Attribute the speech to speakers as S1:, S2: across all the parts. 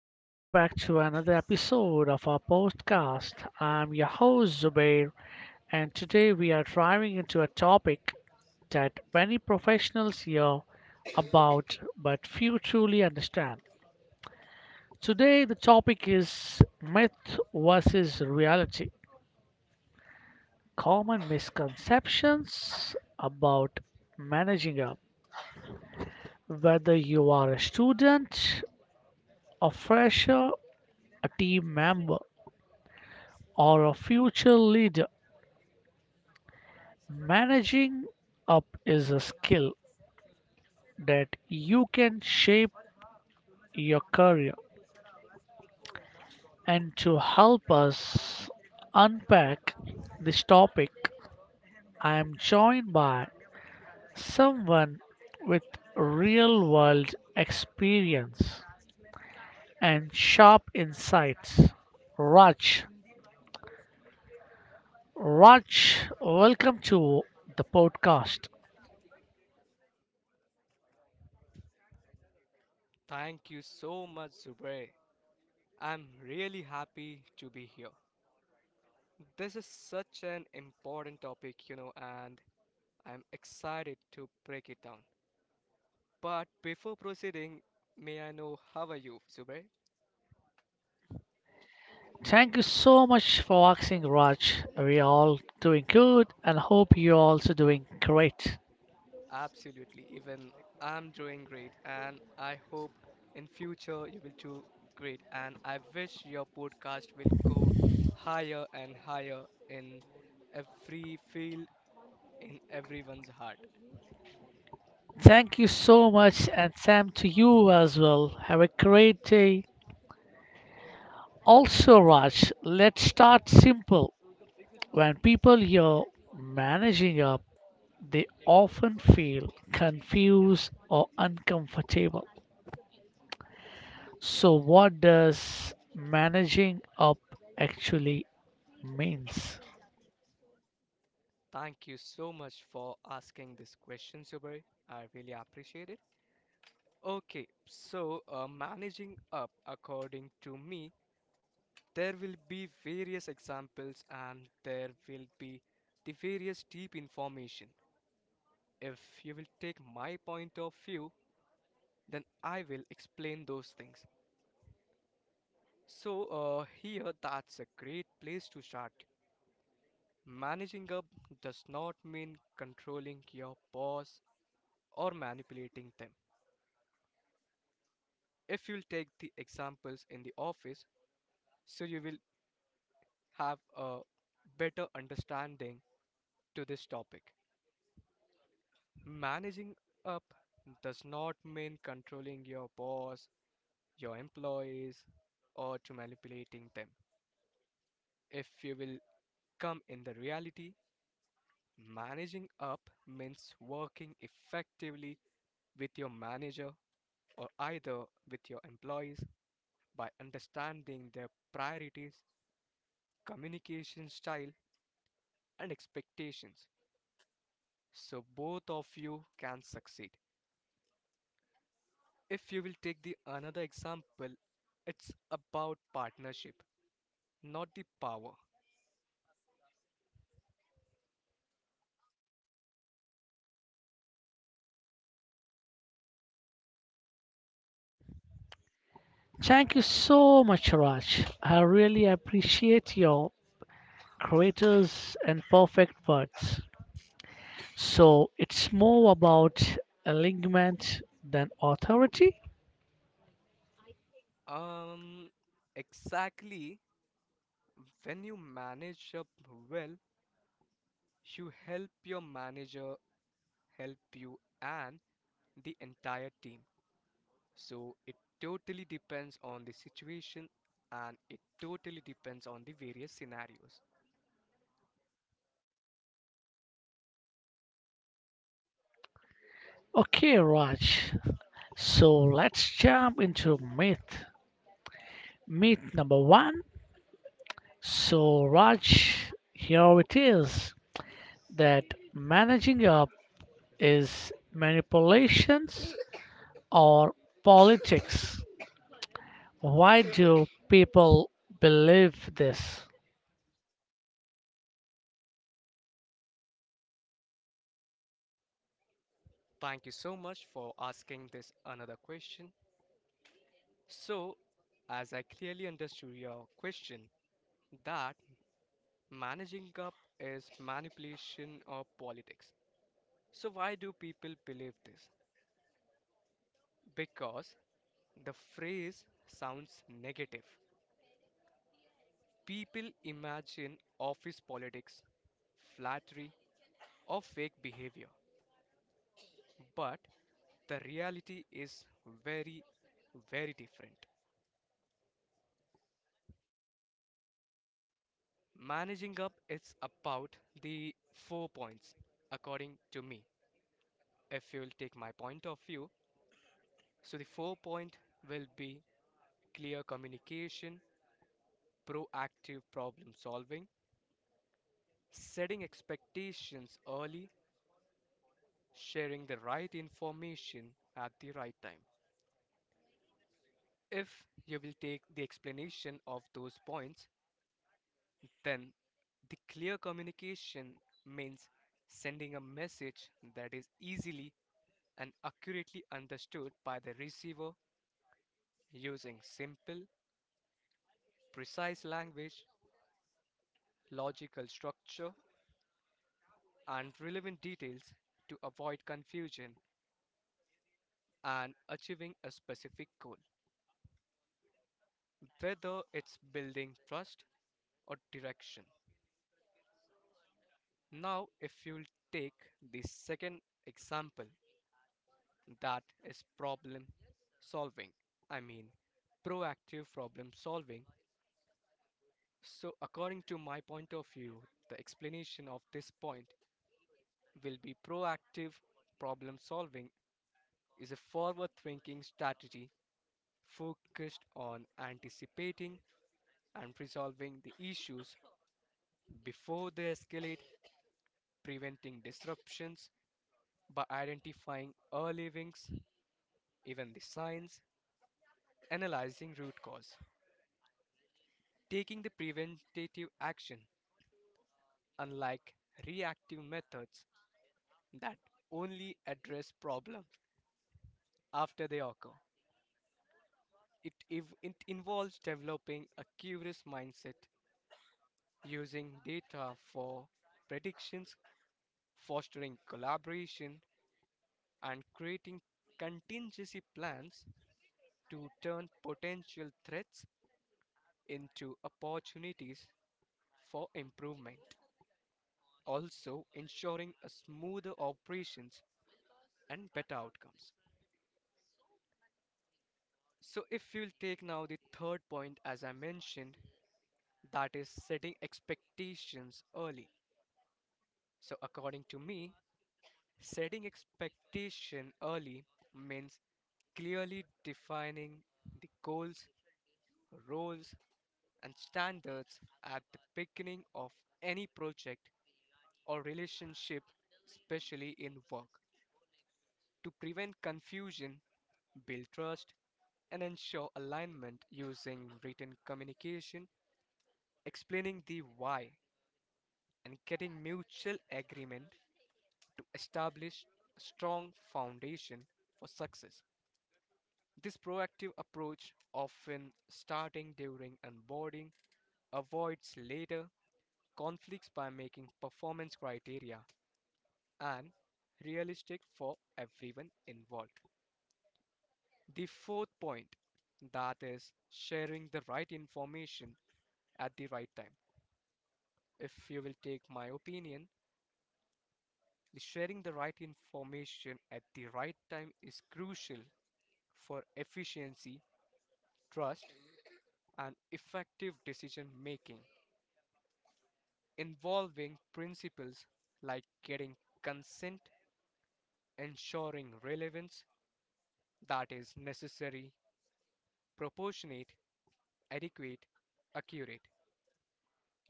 S1: and welcome back to another episode of our podcast. I'm your host, Zubair, and today we are driving into a topic that many professionals hear about but few truly understand. Today, the topic is myth versus reality, common misconceptions about managing up, whether you are a student, a fresher, a team member, or a future leader. Managing up is a skill that you can shape your career. And to help us unpack this topic, I am joined by someone with real world experience and sharp insights. Raj. Raj, welcome to the podcast.
S2: Thank you so much, Zubray. I'm really happy to be here. This is such an important topic, and I'm excited to break it down. But before proceeding, may I know how are you, Zubray?
S1: Thank you so much for asking, Raj. We all doing good and hope you're also doing great.
S2: Absolutely, even I'm doing great, and I hope in future you will do great. And I wish your podcast will go higher and higher in every field, in everyone's heart.
S1: Thank you so much, and Sam to you as well. Have a great day. Also, Raj, let's start simple. When people hear managing up, they often feel confused or uncomfortable. So, what does managing up actually means?
S2: Thank you so much for asking this question, Zubair. I really appreciate it. Okay, so managing up, according to me, there will be various examples and there will be the various deep information. If you will take my point of view, then I will explain those things. So, here that's a great place to start. Managing up does not mean controlling your boss or manipulating them. If you'll take the examples in the office, so you will have a better understanding to this topic. Managing up does not mean controlling your boss, your employees, or to manipulating them. If you will come in the reality, managing up means working effectively with your manager or either with your employees by understanding their priorities, communication style, and expectations, so both of you can succeed. If you will take the another example, it's about partnership, not the power.
S1: Thank you so much, Raj. I really appreciate your creators and perfect words. So it's more about alignment than authority.
S2: Um, exactly when you manage up well, you help your manager help you and the entire team. So it totally depends on the situation and it totally depends on the various scenarios.
S1: Okay, Raj. So let's jump into myth. Myth number one. So, Raj, here it is that managing up is manipulations or politics. Why do people believe this?
S2: Thank you so much for asking this another question. So, as I clearly understood your question, that managing up is manipulation of politics. So, why do people believe this? Because the phrase sounds negative. People imagine office politics, flattery, or fake behavior. But the reality is very, very different. Managing up is about the four points, according to me. If you'll take my point of view, so the four point will be clear communication, proactive problem solving, setting expectations early, sharing the right information at the right time. If you will take the explanation of those points, then the clear communication means sending a message that is easily and accurately understood by the receiver using simple, precise language, logical structure, and relevant details to avoid confusion and achieving a specific goal, whether it's building trust or direction. Now, if you'll take the second example, that is problem solving. I mean, proactive problem solving. So, according to my point of view, the explanation of this point will be proactive problem solving is a forward thinking strategy focused on anticipating and resolving the issues before they escalate, preventing disruptions by identifying early wings, even the signs, analyzing root cause, taking the preventative action, unlike reactive methods that only address problems after they occur. It involves developing a curious mindset, using data for predictions, fostering collaboration, and creating contingency plans to turn potential threats into opportunities for improvement, also ensuring a smoother operations and better outcomes. So, if you'll take now the third point, as I mentioned, that is setting expectations early. So, according to me, setting expectation early means clearly defining the goals, roles, and standards at the beginning of any project or relationship, especially in work, to prevent confusion, build trust, and ensure alignment using written communication, explaining the why, and getting mutual agreement to establish a strong foundation for success. This proactive approach, often starting during onboarding, avoids later conflicts by making performance criteria and realistic for everyone involved. The fourth point that is sharing the right information at the right time. If you will take my opinion, the sharing the right information at the right time is crucial for efficiency, trust, and effective decision making, involving principles like getting consent, ensuring relevance that is necessary, proportionate, adequate, accurate,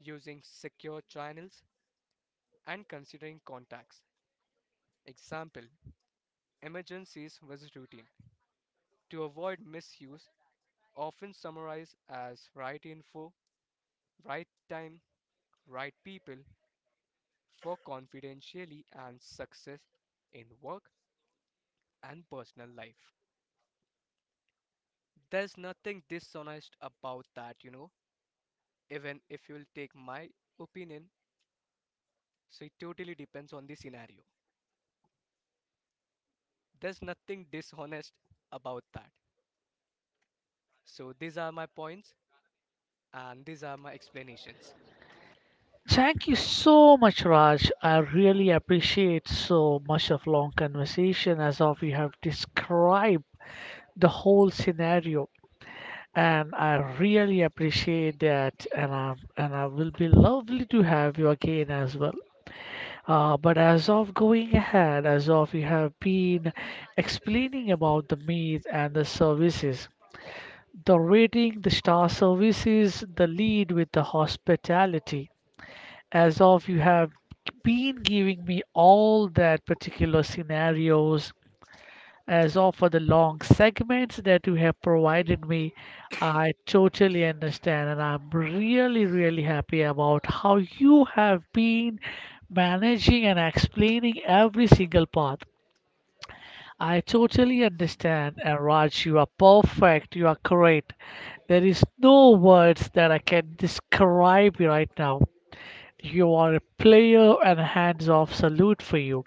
S2: using secure channels, and considering contacts. Example Emergencies was routine. To avoid misuse, often summarized as right info, right time, right people, work confidentially and success in work and personal life. There's nothing dishonest about that. Even if you'll take my opinion, so it totally depends on the scenario. There's nothing dishonest about that. So these are my points and these are my explanations.
S1: Thank you so much, Raj. I really appreciate so much of long conversation as of you have described the whole scenario, and I really appreciate that. And I will be lovely to have you again as well. But as of going ahead, as of you have been explaining about the meat and the services. The rating the star services, the lead with the hospitality, as of you have been giving me all that particular scenarios, as of for the long segments that you have provided me. I totally understand, and I'm really, really happy about how you have been managing and explaining every single part. I totally understand. And Raj, you are perfect. You are correct. There is no words that I can describe you right now. You are a player and hands off salute for you.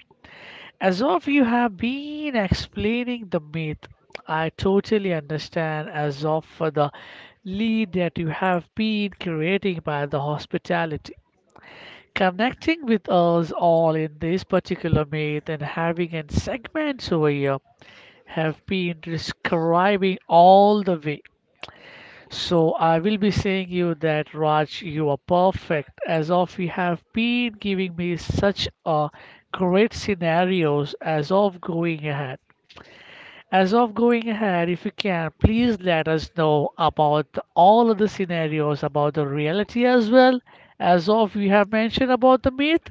S1: As of you have been explaining the myth, I totally understand as of for the lead that you have been creating by the hospitality. Connecting with us all in this particular myth and having a segments over here have been describing all the way. So I will be saying you that Raj, you are perfect as of you have been giving me such a great scenarios as of going ahead. As of going ahead, if you can, please let us know about all of the scenarios about the reality as well as of you have mentioned about the myth.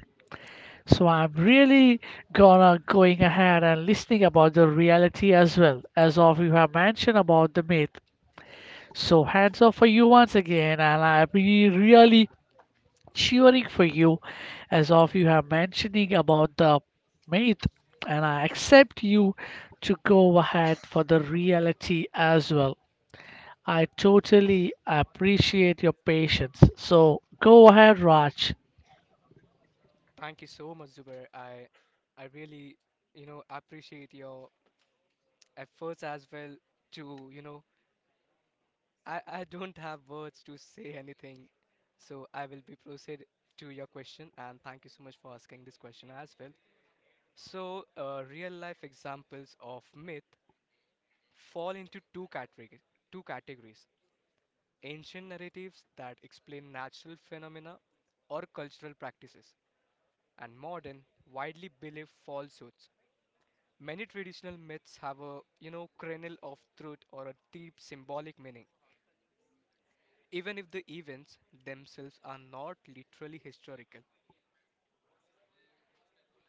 S1: So I'm really gonna going ahead and listening about the reality as well as of you have mentioned about the myth. So hands up for you once again, and I'll be really cheering for you as of you have mentioning about the myth, and I accept you to go ahead for the reality as well. I totally appreciate your patience. So go ahead, Raj.
S2: Thank you so much, Zubair. I really, appreciate your efforts as well to, I don't have words to say anything, so I will be proceed to your question and thank you so much for asking this question as well. So, real life examples of myth fall into two categories: ancient narratives that explain natural phenomena or cultural practices, and modern, widely believed falsehoods. Many traditional myths have a kernel of truth or a deep symbolic meaning even if the events themselves are not literally historical.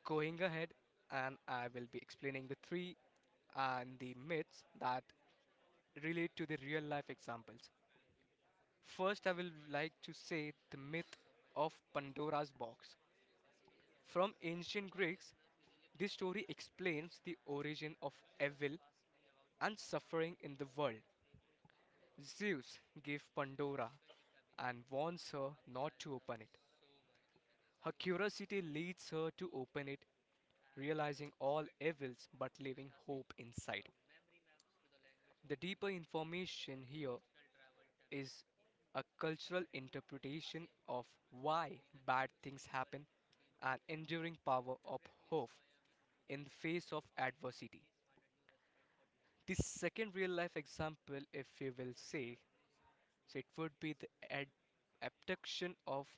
S2: Going ahead, and I will be explaining the three and the myths that relate to the real life examples. First, I will like to say the myth of Pandora's box. From ancient Greeks, this story explains the origin of evil and suffering in the world. Zeus gave Pandora and warns her not to open it. Her curiosity leads her to open it, realizing all evils but leaving hope inside. The deeper information here is a cultural interpretation of why bad things happen and enduring power of hope in the face of adversity. The second real life example, if you will say, so it would be the abduction of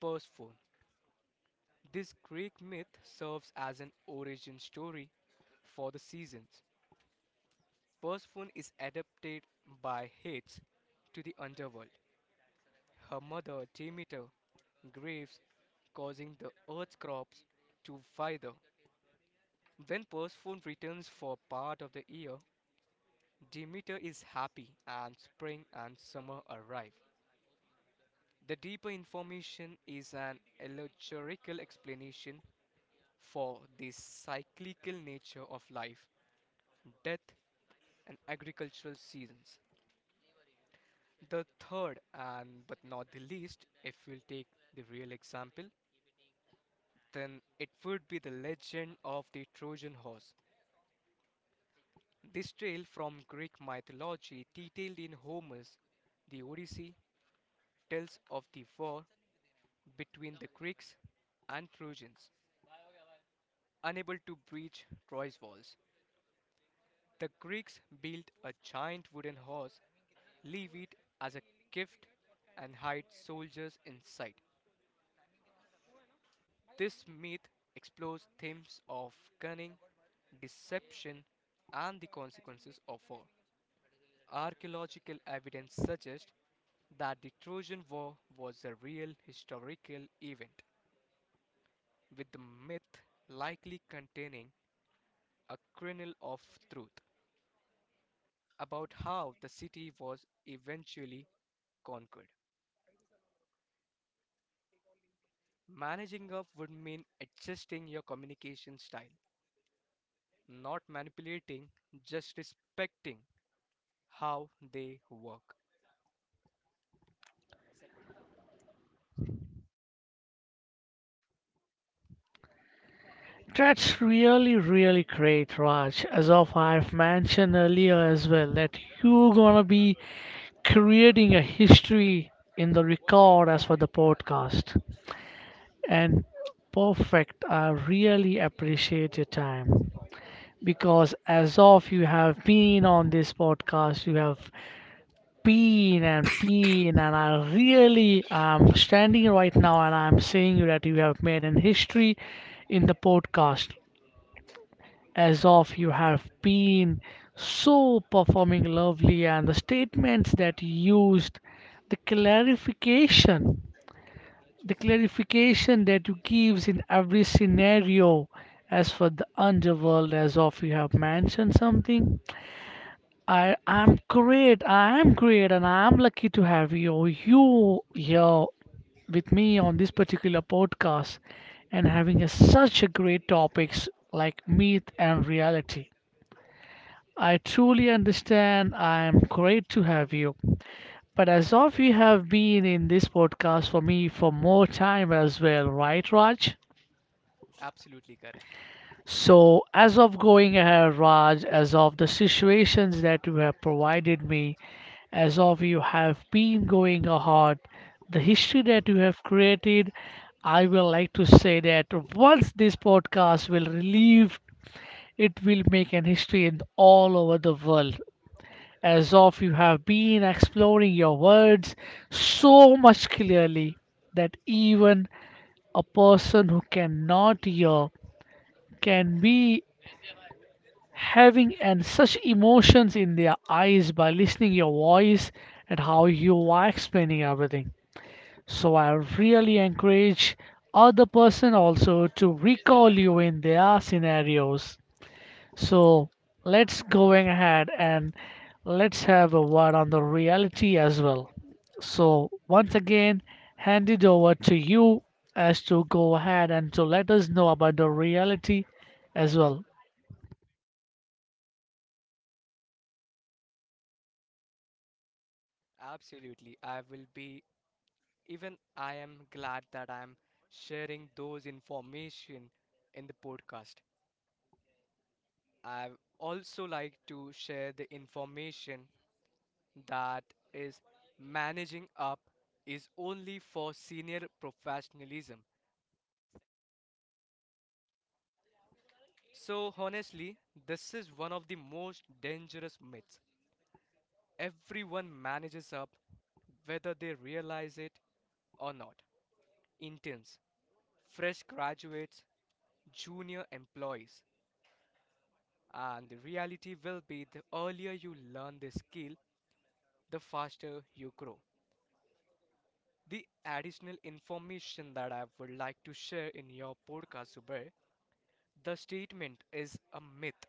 S2: Persephone. This Greek myth serves as an origin story for the seasons. Persephone is adopted by Hades to the underworld. Her mother, Demeter, grieves, causing the earth's crops to wither. When Persephone returns for part of the year, Demeter is happy and spring and summer arrive. The deeper information is an allegorical explanation for the cyclical nature of life, death, and agricultural seasons. The third, and but not the least, if we'll take the real example, then it would be the legend of the Trojan horse. This tale from Greek mythology, detailed in Homer's The Odyssey, tells of the war between the Greeks and Trojans, unable to breach Troy's walls. The Greeks built a giant wooden horse, leave it as a gift, and hide soldiers inside. This myth explores themes of cunning, deception, and the consequences of war. Archaeological evidence suggests that the Trojan War was a real historical event, with the myth likely containing a kernel of truth about how the city was eventually conquered. Managing up would mean adjusting your communication style, not manipulating, just respecting how they work.
S1: That's really, really great, Raj. As of I've mentioned earlier as well, that you're gonna be creating a history in the record as for the podcast. And perfect. I really appreciate your time because as of you have been on this podcast, you have been, and I really am standing right now and I'm saying you that you have made an history in the podcast. As of you have been so performing lovely and the statements that you used, the clarification the clarification that you gives in every scenario as for the underworld as of you have mentioned something. I am great and I'm lucky to have you here with me on this particular podcast and having a, such a great topics like myth and reality. I truly understand. I am great to have you. But as of you have been in this podcast for me for more time as well, right, Raj?
S2: Absolutely correct.
S1: So, as of going ahead, Raj, as of the situations that you have provided me, as of you have been going ahead, the history that you have created, I will like to say that once this podcast will relieve, it will make an history in all over the world as of you have been exploring your words so much clearly that even a person who cannot hear can be having and such emotions in their eyes by listening your voice and how you are explaining everything. So I really encourage other person also to recall you in their scenarios. So let's going ahead and let's have a word on the reality as well. So once again, hand it over to you as to go ahead and to let us know about the reality as well.
S2: Absolutely. I will be, even I am glad that I am sharing those information in the podcast. I also like to share the information that is managing up is only for senior professionalism. So, honestly, this is one of the most dangerous myths. Everyone manages up, whether they realize it or not. Interns, fresh graduates, junior employees. And the reality will be the earlier you learn this skill, the faster you grow. The additional information that I would like to share in your podcast, Zubair, the statement is a myth,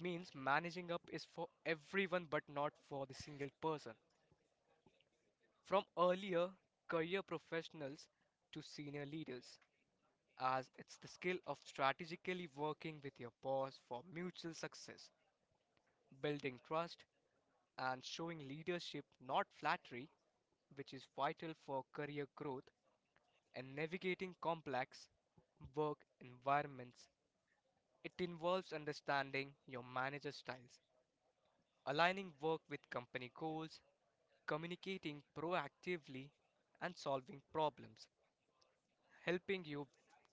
S2: means managing up is for everyone but not for the single person. From earlier career professionals to senior leaders, as it's the skill of strategically working with your boss for mutual success, building trust, and showing leadership, not flattery, which is vital for career growth and navigating complex work environments. It involves understanding your manager styles, aligning work with company goals, communicating proactively, and solving problems, helping you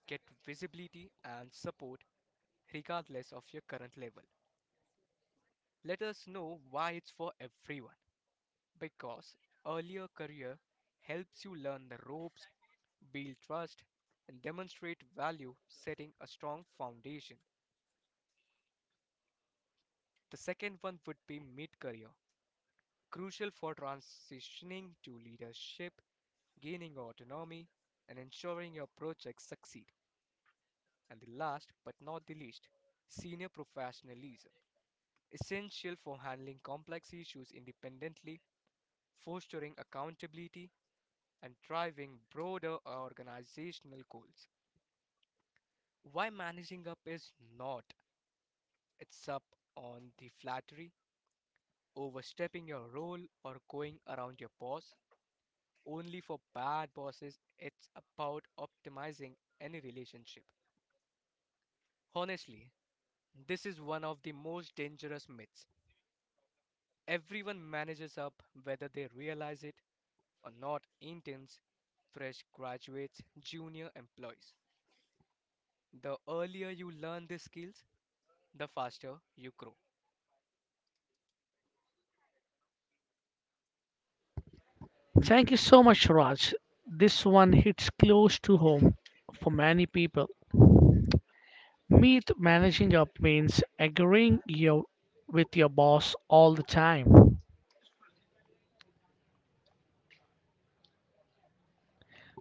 S2: get visibility and support regardless of your current level. Let us know why it's for everyone. Because earlier career helps you learn the ropes, build trust, and demonstrate value, setting a strong foundation. The second one would be mid career, crucial for transitioning to leadership, gaining autonomy, and ensuring your projects succeed. And the last but not the least, senior professionalism, essential for handling complex issues independently, fostering accountability, and driving broader organizational goals. Why managing up is not it's up on the flattery, overstepping your role, or going around your boss, only for bad bosses, it's about optimizing any relationship. Honestly, this is one of the most dangerous myths. Everyone manages up whether they realize it or not interns, fresh graduates, junior employees. The earlier you learn these skills, the faster you grow.
S1: Thank you so much, Raj. This one hits close to home for many people. Meet managing up means agreeing you with your boss all the time.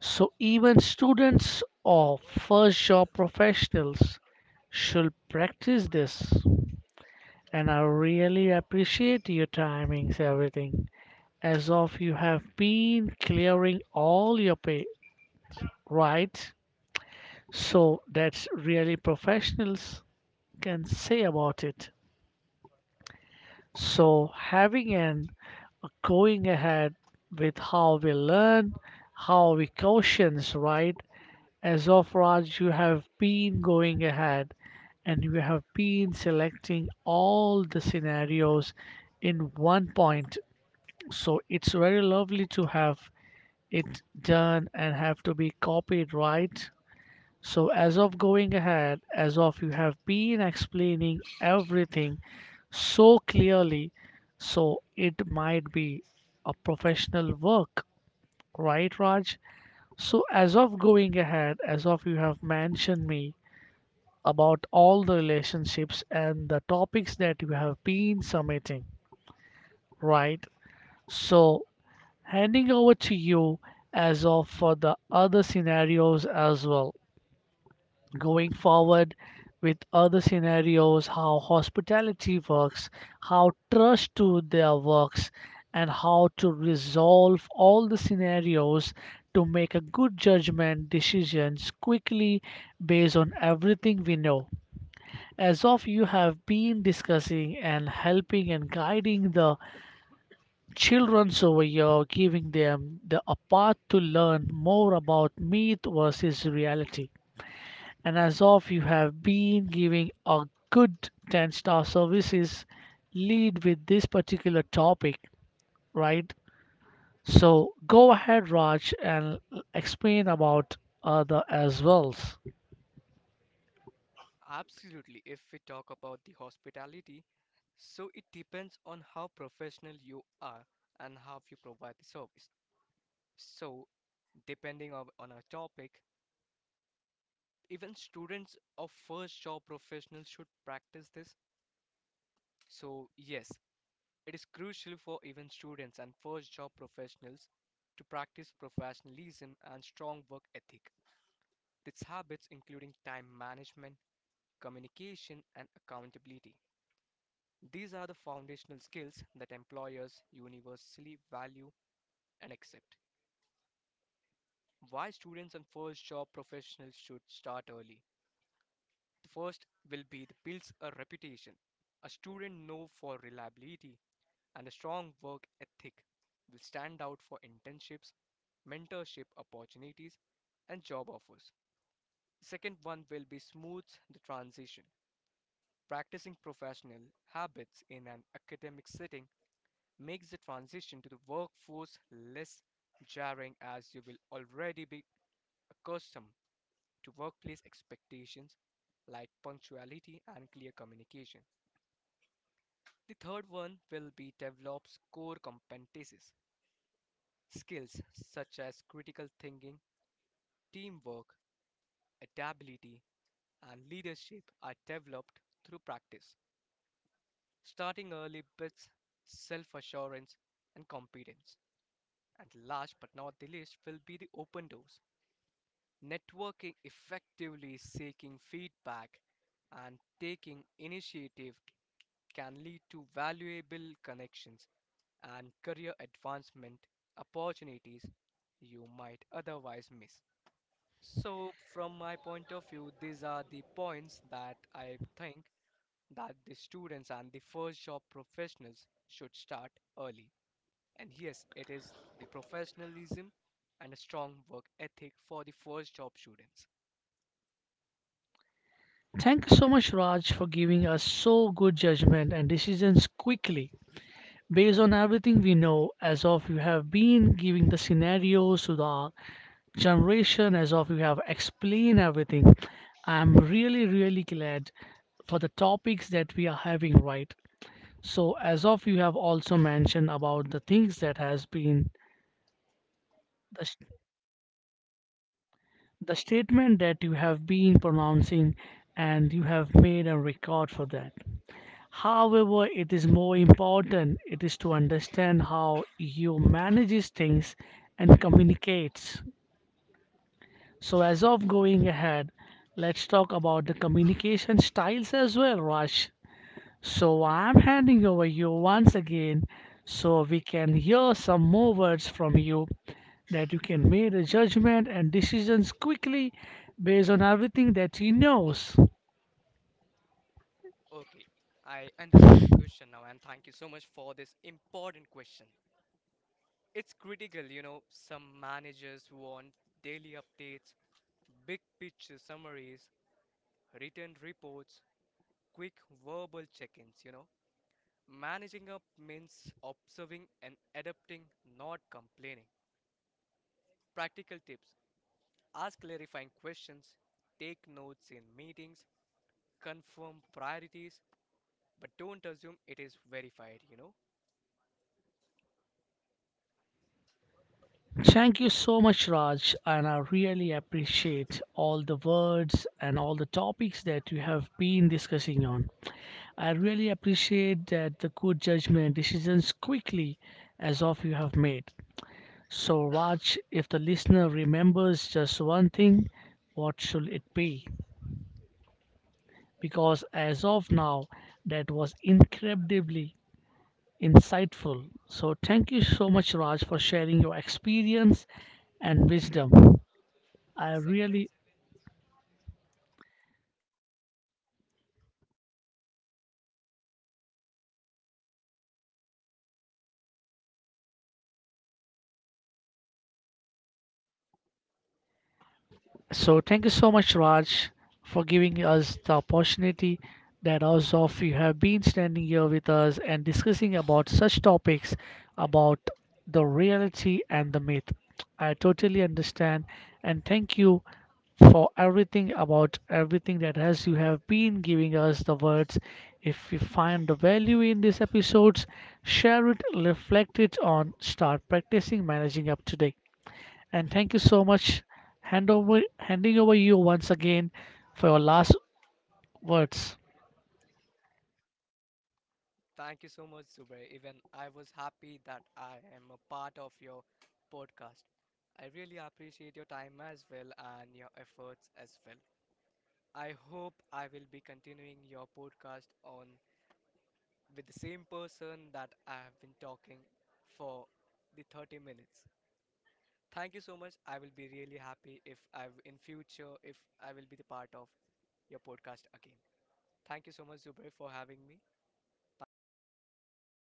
S1: So even students or first job professionals should practice this. And I really appreciate your timings, everything. As of you have been clearing all your pay, right? So that's really professionals can say about it. So having and going ahead with how we learn, how we cautions, right? As of Raj, you have been going ahead and you have been selecting all the scenarios in one point. So it's very lovely to have it done and have to be copied, right? So as of going ahead, as of you have been explaining everything so clearly, so it might be a professional work, right, Raj? So as of going ahead, as of you have mentioned me, about all the relationships and the topics that you have been submitting, right? So, handing over to you as of for the other scenarios as well. Going forward with other scenarios, how hospitality works, how trust to their works, and how to resolve all the scenarios to make a good judgment decisions quickly based on everything we know. As of you have been discussing and helping and guiding the children over here, giving them the a path to learn more about myth versus reality. And as of you have been giving a good 10-star services lead with this particular topic, right? So go ahead, Raj, and explain about other as well.
S2: Absolutely, if we talk about the hospitality, so it depends on how professional you are and how you provide the service. So, depending on our topic, even students of first job professionals should practice this. So, yes, it is crucial for even students and first job professionals to practice professionalism and strong work ethic. Its habits, including time management, communication, and accountability. These are the foundational skills that employers universally value and accept. Why students and first job professionals should start early. The first will be the builds a reputation, a student known for reliability, and a strong work ethic will stand out for internships, mentorship opportunities, and job offers. The second one will be smooths the transition. Practicing professional habits in an academic setting makes the transition to the workforce less jarring as you will already be accustomed to workplace expectations like punctuality and clear communication. The third one will be develops core competencies, skills such as critical thinking, teamwork, adaptability, and leadership are developed through practice, starting early with self assurance and competence. And last but not the least will be the open doors. Networking effectively, seeking feedback, and taking initiative can lead to valuable connections and career advancement opportunities you might otherwise miss. So, from my point of view, these are the points that I think that the students and the first job professionals should start early. And yes, it is the professionalism and a strong work ethic for the first job students.
S1: Thank you so much, Raj, for giving us so good judgment and decisions quickly. Based on everything we know, as of you have been giving the scenarios to the generation, as of you have explained everything, I'm really, really glad for the topics that we are having right. So, as of you have also mentioned about the things that has been the, s- the statement that you have been pronouncing and you have made a record for that. However, it is more important it is to understand how you manages things and communicates. So as of going ahead, let's talk about the communication styles as well, Raj. So I'm handing over you once again so we can hear some more words from you that you can make a judgment and decisions quickly based on everything that he knows.
S2: Okay, I understand your question now, and thank you so much for this important question. It's critical, some managers want daily updates, big picture summaries, written reports, quick verbal check ins. You know. Managing up means observing and adapting, not complaining. Practical tips ask clarifying questions, take notes in meetings, confirm priorities, but don't assume it is verified.
S1: Thank you so much, Raj, and I really appreciate all the words and all the topics that you have been discussing on. I really appreciate that the good judgment decisions quickly as of you have made. So, Raj, if the listener remembers just one thing, what should it be? Because as of now, that was incredibly insightful. So, thank you so much, Raj, for sharing your experience and wisdom. I
S2: Segment.
S1: really. So thank you so much, Raj, for giving us the opportunity that as of you have been standing here with us and discussing about such topics about the reality and the myth. I totally understand and thank you for everything about everything that has you have been giving us the words. If you find the value in these episodes, share it, reflect it on, start practicing managing up today and thank you so much. Hand over, handing over you once again for your last words.
S2: Thank you so much, Zubair. Even I was happy that I am a part of your podcast. I really appreciate your time as well and your efforts as well. I hope I will be continuing your podcast on with the same person that I have been talking for the 30 minutes. Thank you so much. I will be really happy if I in future if I will be the part of your podcast again. Thank you so much, Zubair, for having me. Thank you so much.